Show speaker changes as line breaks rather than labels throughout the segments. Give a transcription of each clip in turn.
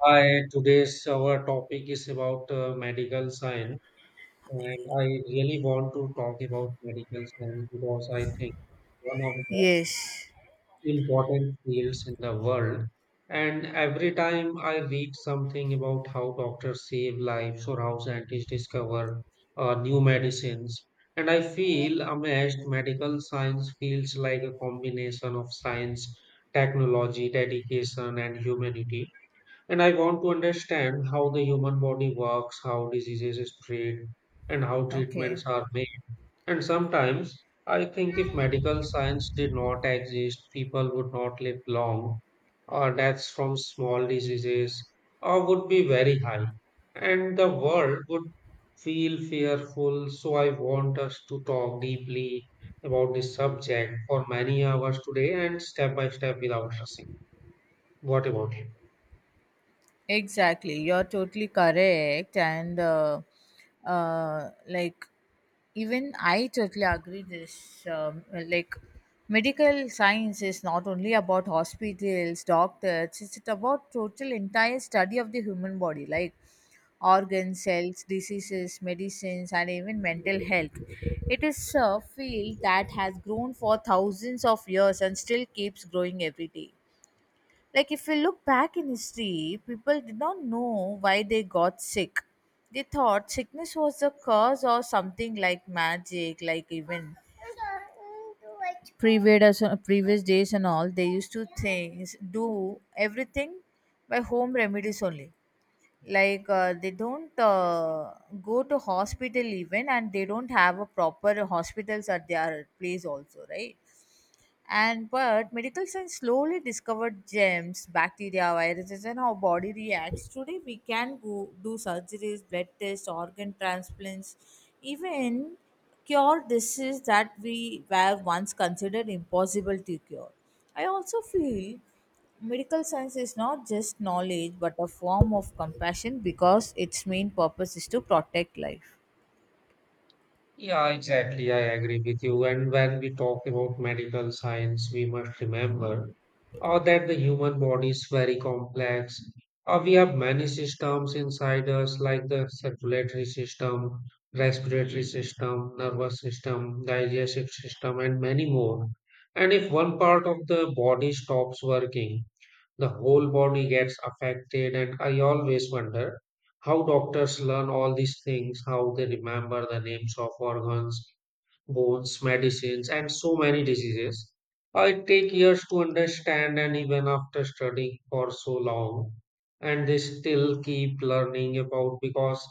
Hi, today's our topic is about medical science, and I really want to talk about medical science because I think it's one of the
Yes.
important fields in the world. And every time I read something about how doctors save lives or how scientists discover new medicines, and I feel amazed. Medical science feels like a combination of science, technology, dedication, and humanity, and I want to understand how the human body works, how diseases spread, and how
Okay.
treatments are made. And sometimes I think if medical science did not exist, people would not live long, or deaths from small diseases or would be very high, and the world would feel fearful. So I want us to talk deeply about this subject for many hours today and step by step without rushing. What about you?
Exactly. You're totally correct. Uh, like, even I totally agree this. Medical science is not only about hospitals, doctors, it's about total entire study of the human body, like organs, cells, diseases, medicines, and even mental health. It is a field that has grown for thousands of years and still keeps growing every day. Like, if we look back in history, people did not know why they got sick. They thought sickness was the cause or something like magic, like even previous days and all. They used to things do everything by home remedies only. Like they don't go to hospital even, and they don't have a proper hospitals at their place also, right? And but medical science slowly discovered germs, bacteria, viruses, and how body reacts. Today we can go do surgeries, blood tests, organ transplants, even cure diseases that we were once considered impossible to cure. I also feel medical science is not just knowledge but a form of compassion because its main purpose is to protect life.
Yeah, exactly. I agree with you. And when we talk about medical science, we must remember that the human body is very complex. We have many systems inside us, like the circulatory system, respiratory system, nervous system, digestive system, and many more. And if one part of the body stops working, the whole body gets affected, and I always wonder how doctors learn all these things, how they remember the names of organs, bones, medicines, and so many diseases. I take years to understand, and even after studying for so long, and they still keep learning about because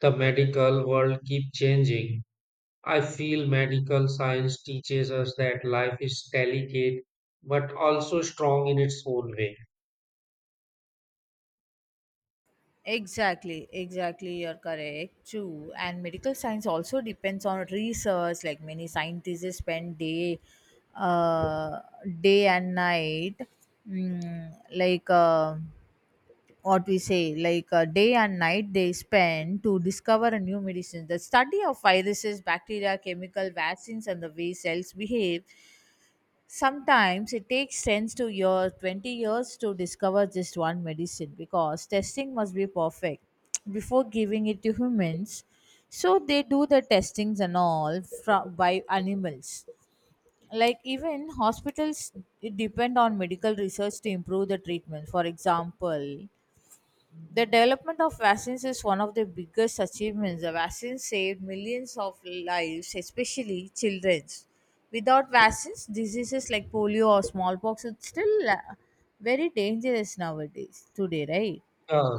the medical world keep changing. I feel medical science teaches us that life is delicate but also strong in its own way.
Exactly, exactly, you're correct. True. And medical science also depends on research. Like many scientists spend day, uh, day and night, mm, like what we say, like day and night they spend to discover a new medicine. The study of viruses, bacteria, chemical vaccines, and the way cells behave. Sometimes it takes 10 to years, 20 years to discover just one medicine because testing must be perfect before giving it to humans. So they do the testings and all by animals. Like even hospitals depend on medical research to improve the treatment. For example, the development of vaccines is one of the biggest achievements. The vaccines saved millions of lives, especially children's. Without vaccines, diseases like polio or smallpox would still very dangerous nowadays, today, right?
Yeah,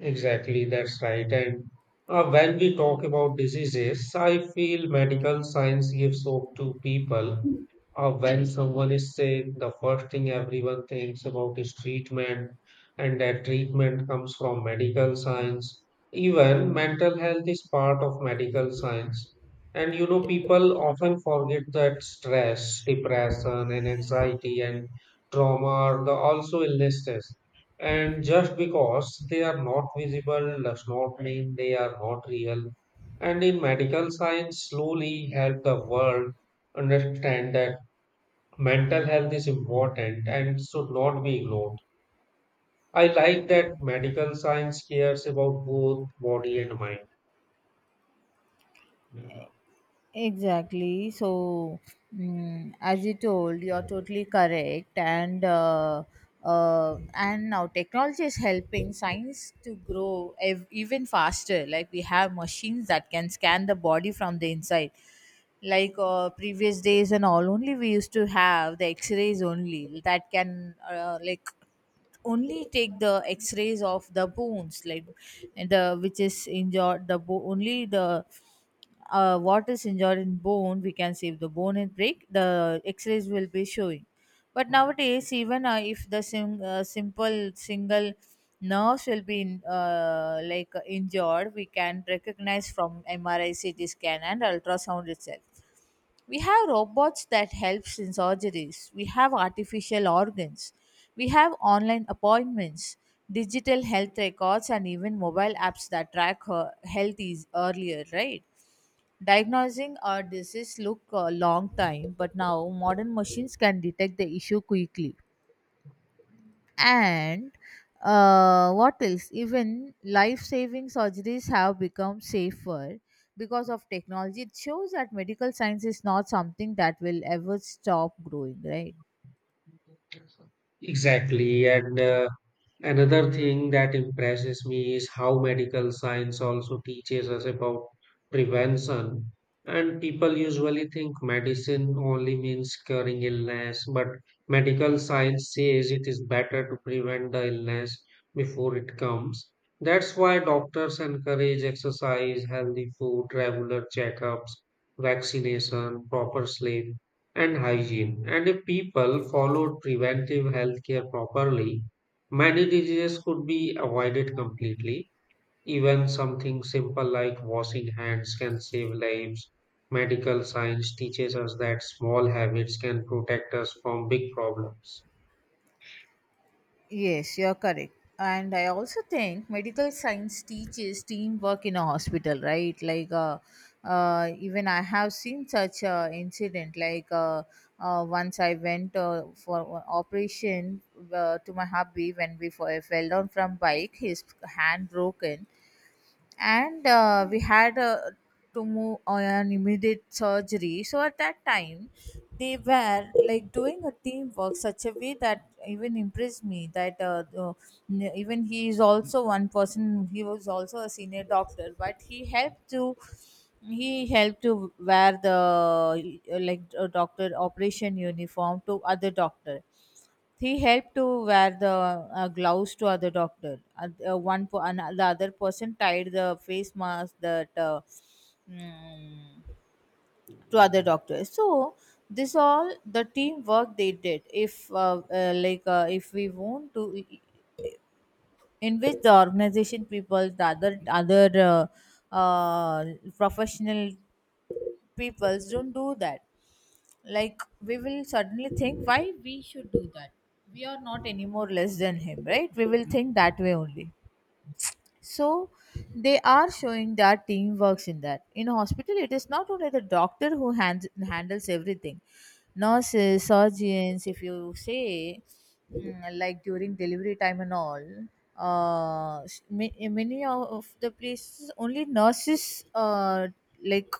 exactly. That's right. And when we talk about diseases, I feel medical science gives hope to people. When someone is sick, the first thing everyone thinks about is treatment, and that treatment comes from medical science. Even mental health is part of medical science. And you know, people often forget that stress, depression, and anxiety and trauma are the also illnesses. And just because they are not visible does not mean they are not real. And in medical science, slowly help the world understand that mental health is important and should not be ignored. I like that medical science cares about both body and mind.
Exactly. So, as you told, you're totally correct. And and now technology is helping science to grow even faster. Like we have machines that can scan the body from the inside. Previous days and all, only we used to have the X-rays only that can only take the x-rays of the bones like the which is injured the only the what is injured in bone, we can save the bone and break. The X-rays will be showing. But nowadays, even if the simple single nerves will be in, like injured, we can recognize from MRI, CT scan, and ultrasound itself. We have robots that helps in surgeries, we have artificial organs, we have online appointments, digital health records, and even mobile apps that track her health is earlier, right? Diagnosing a disease look a long time, but now modern machines can detect the issue quickly, and what else, even life-saving surgeries have become safer because of technology. It shows that medical science is not something that will ever stop growing, right?
Exactly. And another thing that impresses me is how medical science also teaches us about prevention. And people usually think medicine only means curing illness, but medical science says it is better to prevent the illness before it comes. That's why doctors encourage exercise, healthy food, regular checkups, vaccination, proper sleep, and hygiene. And if people followed preventive healthcare properly, many diseases could be avoided completely. Even something simple like washing hands can save lives. Medical science teaches us that small habits can protect us from big problems.
Yes, you're correct. And I also think medical science teaches teamwork in a hospital, right? Even I have seen such a incident. Once I went for a operation to my hubby when we fell down from bike, his hand broken, and we had to move on an immediate surgery. So at that time they were like doing a teamwork such a way that even impressed me, that even he is also one person, he was also a senior doctor, but he helped to wear the doctor operation uniform to other doctor. He helped to wear the gloves to other doctor. And the other person tied the face mask that mm, to other doctors. So this all the teamwork they did. If if we want to, e, in which the organization people, the other uh, professional peoples don't do that, like we will suddenly think why we should do that. We are not anymore less than him, right? We will think that way only. So they are showing that teamwork in that. In hospital, it is not only the doctor who hands, handles everything. Nurses, surgeons, if you say, like during delivery time and all, many of the places only like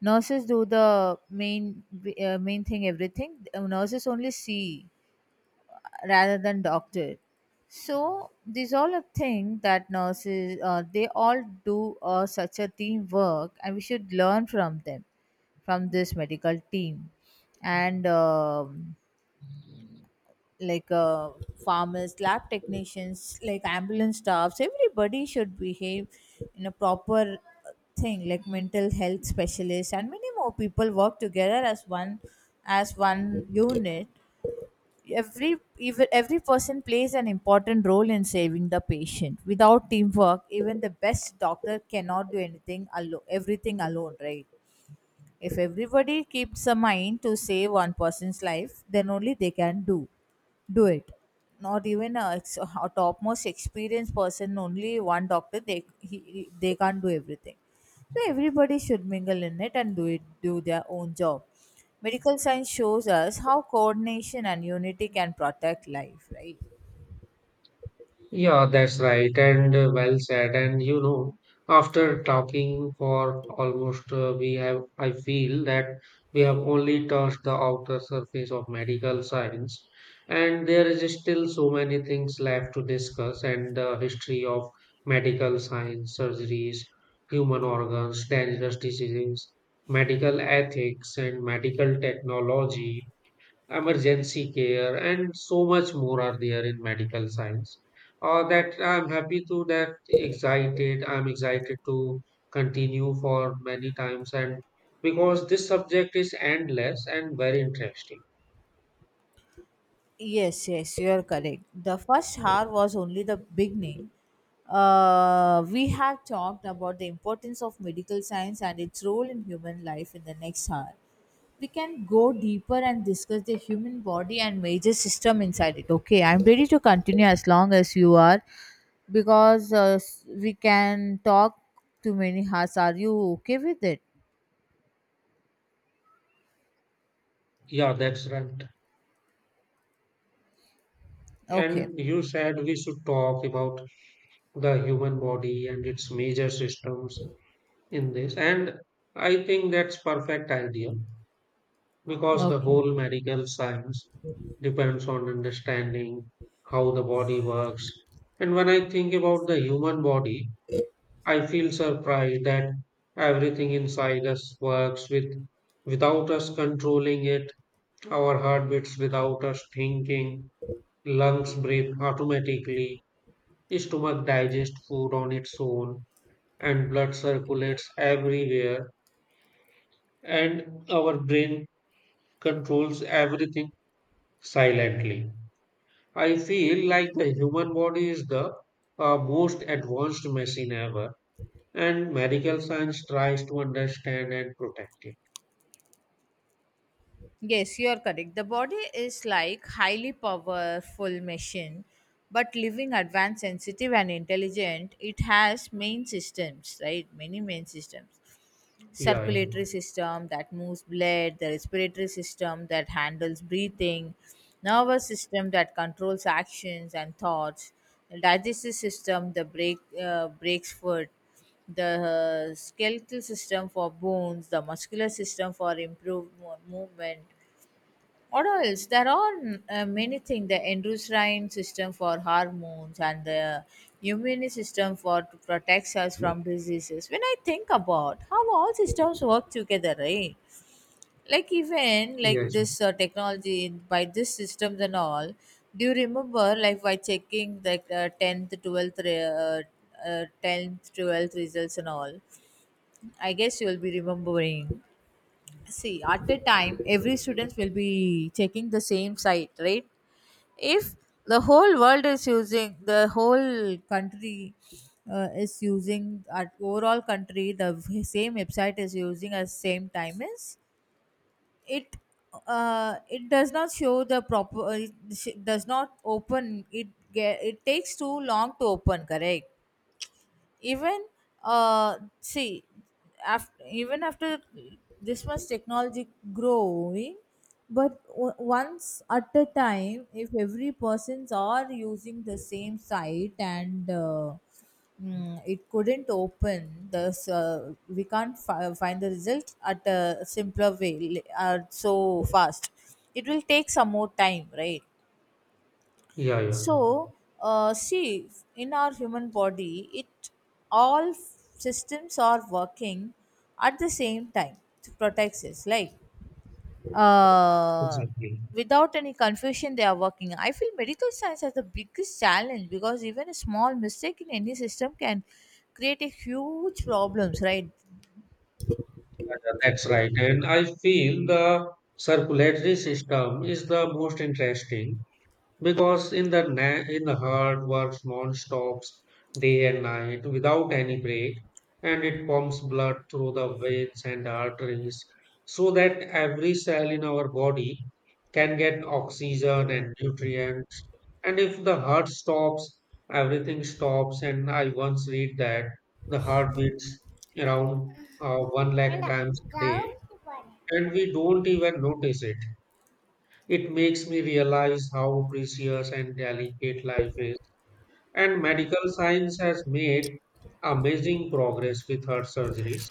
nurses do the main main thing everything. Nurses only see rather than doctor. So these all a thing that nurses they all do such a teamwork, and we should learn from them, from this medical team, and like uh, farmers, lab technicians, like ambulance staffs. Everybody should behave in a proper thing like mental health specialists and many more people work together as one, as one unit. Every, even every person plays an important role in saving the patient. Without teamwork even the best doctor cannot do anything alone, everything alone, right? If everybody keeps a mind to save one person's life, then only they can do it. Not even a, a topmost experienced person, only one doctor, they they can't do everything. So everybody should mingle in it and do their own job. Medical science shows us how coordination and unity can protect life, right?
Yeah, that's right, and well said. And you know, after talking for almost, we have, I feel that we have only touched the outer surface of medical science, and there is still so many things left to discuss, and the history of medical science, surgeries, human organs, dangerous diseases, medical ethics, and medical technology, emergency care, and so much more are there in medical science. That I'm happy to that excited. I'm excited to continue for many times, and because this subject is endless and very interesting.
Yes, yes, you're correct. The first hour was only the beginning. We have talked about the importance of medical science and its role in human life. In the next hour we can go deeper and discuss the human body and major system inside it. Okay, I'm ready to continue as long as you are, because we can talk to many hours. Are you okay with it?
Yeah, that's right.
Okay,
And you said we should talk about the human body and its major systems in this, and I think that's perfect idea, because the
okay.
whole medical science depends on understanding how the body works. And when I think about the human body, I feel surprised that everything inside us works with without us controlling it. Our heart beats without us thinking, lungs breathe automatically, stomach digests food on its own, and blood circulates everywhere, and our brain controls everything silently. I feel like the human body is the most advanced machine ever, and medical science tries to understand and protect it.
Yes, you are correct. The body is like highly powerful machine, but living advanced, sensitive, and intelligent. It has main systems, right? Many main systems.
Yeah,
Circulatory system that moves blood, the respiratory system that handles breathing, nervous system that controls actions and thoughts, the digestive system the breaks food, the skeletal system for bones, the muscular system for improved movement. What else? There are many things, the endocrine system for hormones and the immune system for to protect us from diseases. When I think about how all systems work together, right? Like even
yeah.
like
Yes,
this technology by this systems and all. Do you remember like by checking the tenth, 12th results and all? I guess you will be remembering. See, at the time every student will be checking the same site, right? If the whole world is using, the whole country is using, at overall country the same website is using at same time, is it, it does not show the proper, it does not open it, get, it takes too long to open, correct? Even see, after even after this much technology growing, but once at a time if every persons are using the same site, and it couldn't open this, we can't find the result at a simpler way, so fast, it will take some more time, right?
yeah, yeah,
So, see, in our human body, it all systems are working at the same time to protect us. Like, uh,
exactly.
without any confusion, they are working. I feel medical science has the biggest challenge because even a small mistake in any system can create a huge problems, right?
Yeah, yeah, that's right. And I feel the circulatory system is the most interesting because in the heart works non-stops, day and night, without any break, and it pumps blood through the veins and arteries so that every cell in our body can get oxygen and nutrients, and if the heart stops, everything stops. And I once read that the heart beats around 1 lakh times a day, and we don't even notice it. It makes me realize how precious and delicate life is. And medical science has made amazing progress with heart surgeries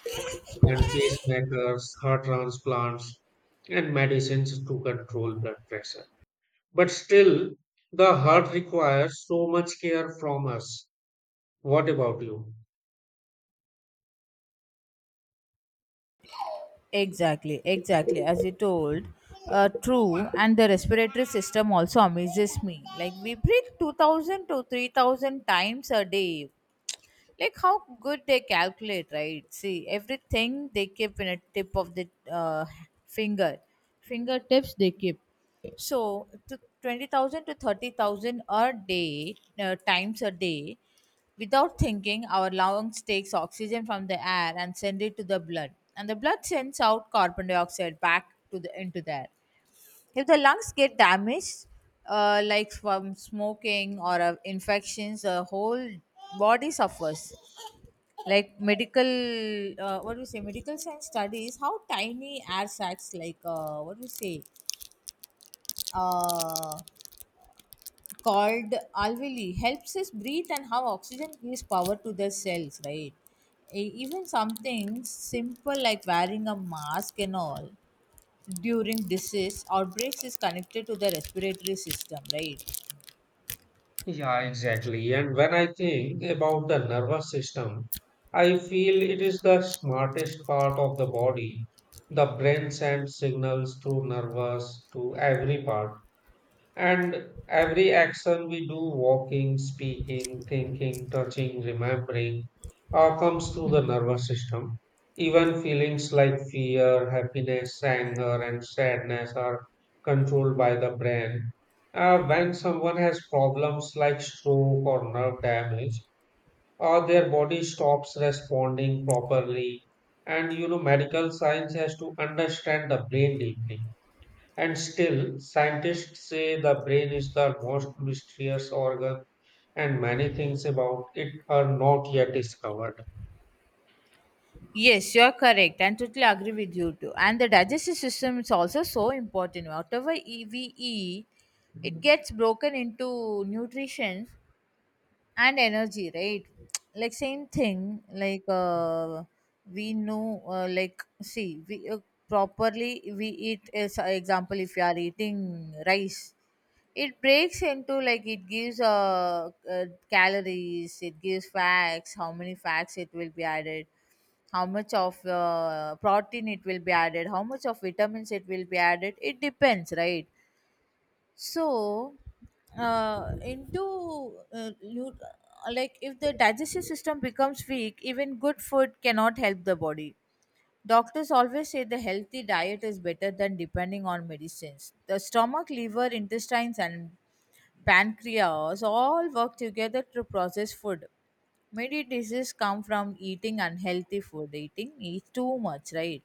and pacemakers, heart transplants, and medicines to control blood pressure. But still, the heart requires so much care from us. What about you?
Exactly, exactly. As you told, true. And the respiratory system also amazes me. Like we breathe 2,000 to 3,000 times a day. Like how good they calculate, right? See, everything they keep in a tip of the finger fingertips they keep. So to 20,000 to 30,000 a day, times a day without thinking, our lungs takes oxygen from the air and send it to the blood, and the blood sends out carbon dioxide back to the into the air. If the lungs get damaged, from smoking or infections, the whole body suffers. Like medical, what do you say medical science studies how tiny air sacs like, what do you say uh, called alveoli, helps us breathe, and how oxygen gives power to the cells, right? Even something simple like wearing a mask and all during disease outbreaks is connected to the respiratory system, right?
Yeah, exactly. And when I think about the nervous system, I feel it is the smartest part of the body. The brain sends signals through nervous to every part. And every action we do, walking, speaking, thinking, touching, remembering, all comes through the nervous system. Even feelings like fear, happiness, anger, and sadness are controlled by the brain. When someone has problems like stroke or nerve damage, or their body stops responding properly, and you know, medical science has to understand the brain deeply, and still, scientists say the brain is the most mysterious organ, and many things about it are not yet discovered.
Yes, you're correct, and totally agree with you too. And the digestive system is also so important. Whatever we eat, it gets broken into nutrition and energy, right? Like same thing like, we know like see we properly we eat, as a example if you are eating rice, it breaks into, like it gives calories, it gives facts, how many facts it will be added, how much of protein it will be added, how much of vitamins it will be added, it depends, right? So into you, like if the digestive system becomes weak, even good food cannot help the body. Doctors always say the healthy diet is better than depending on medicines. The stomach, liver, intestines and pancreas all work together to process food. Many diseases come from eating unhealthy food, eat too much, right?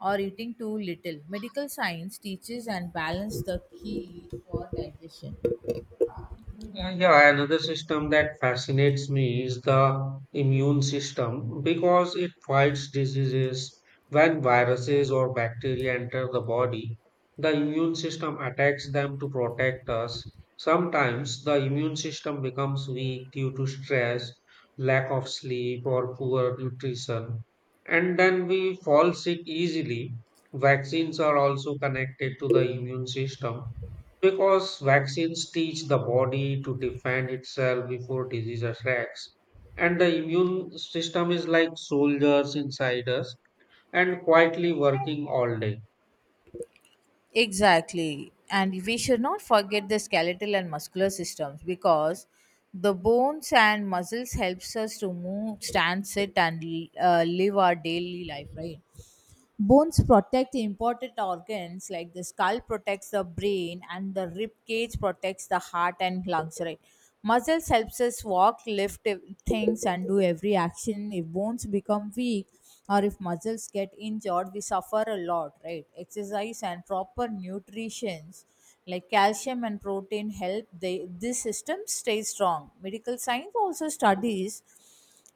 Or eating too little. Medical science teaches and balance the key for digestion.
Yeah, another system that fascinates me is the immune system because it fights diseases. When viruses or bacteria enter the body, the immune system attacks them to protect us. Sometimes the immune system becomes weak due to stress, lack of sleep, or poor nutrition, and then we fall sick easily. Vaccines are also connected to the immune system because vaccines teach the body to defend itself before disease attacks, and the immune system is like soldiers inside us and quietly working all day.
Exactly. And we should not forget the skeletal and muscular systems, because the bones and muscles helps us to move, stand, sit and live our daily life, right? Bones protect important organs like the skull protects the brain and the rib cage protects the heart and lungs, right? Muscles helps us walk, lift things and do every action. If bones become weak or if muscles get injured, we suffer a lot, right? Exercise and proper nutrition like calcium and protein help they, this system stay strong. Medical science also studies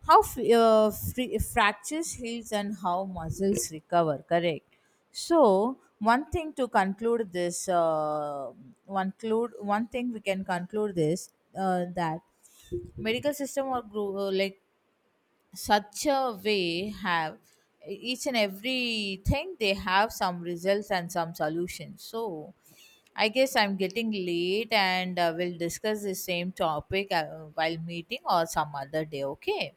how fractures heals and how muscles recover, correct? So one thing to conclude this, one clue one thing we can conclude this, that medical system or group, such a way have each and every thing, they have some results and some solutions. So I guess I'm getting late, and we'll discuss the same topic, while meeting or some other day, okay.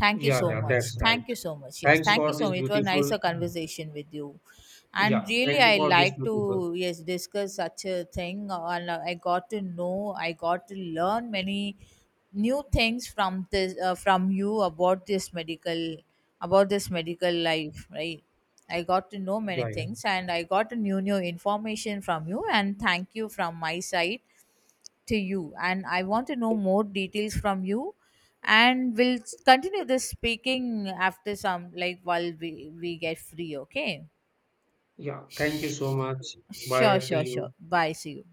Thank you
Yeah,
so
yeah,
much.
that's right.
Thank you so much. Yes,
Thanks
thank you
for
so
this
much. It was nice
beautiful.
a conversation with you, and
Yeah,
really
thank you
I
for this
like to
beautiful.
yes discuss such a thing. And I got to know, I got to learn many new things from this, from you, about this medical life, right? I got to know many
Yeah, yeah,
things, and I got a new information from you. And thank you from my side to you, and I want to know more details from you, and we'll continue this speaking after some, like while we get free, okay.
yeah. Thank you
Sh-
so much.
sure,
Bye. See
sure, sure,
you.
bye, see you.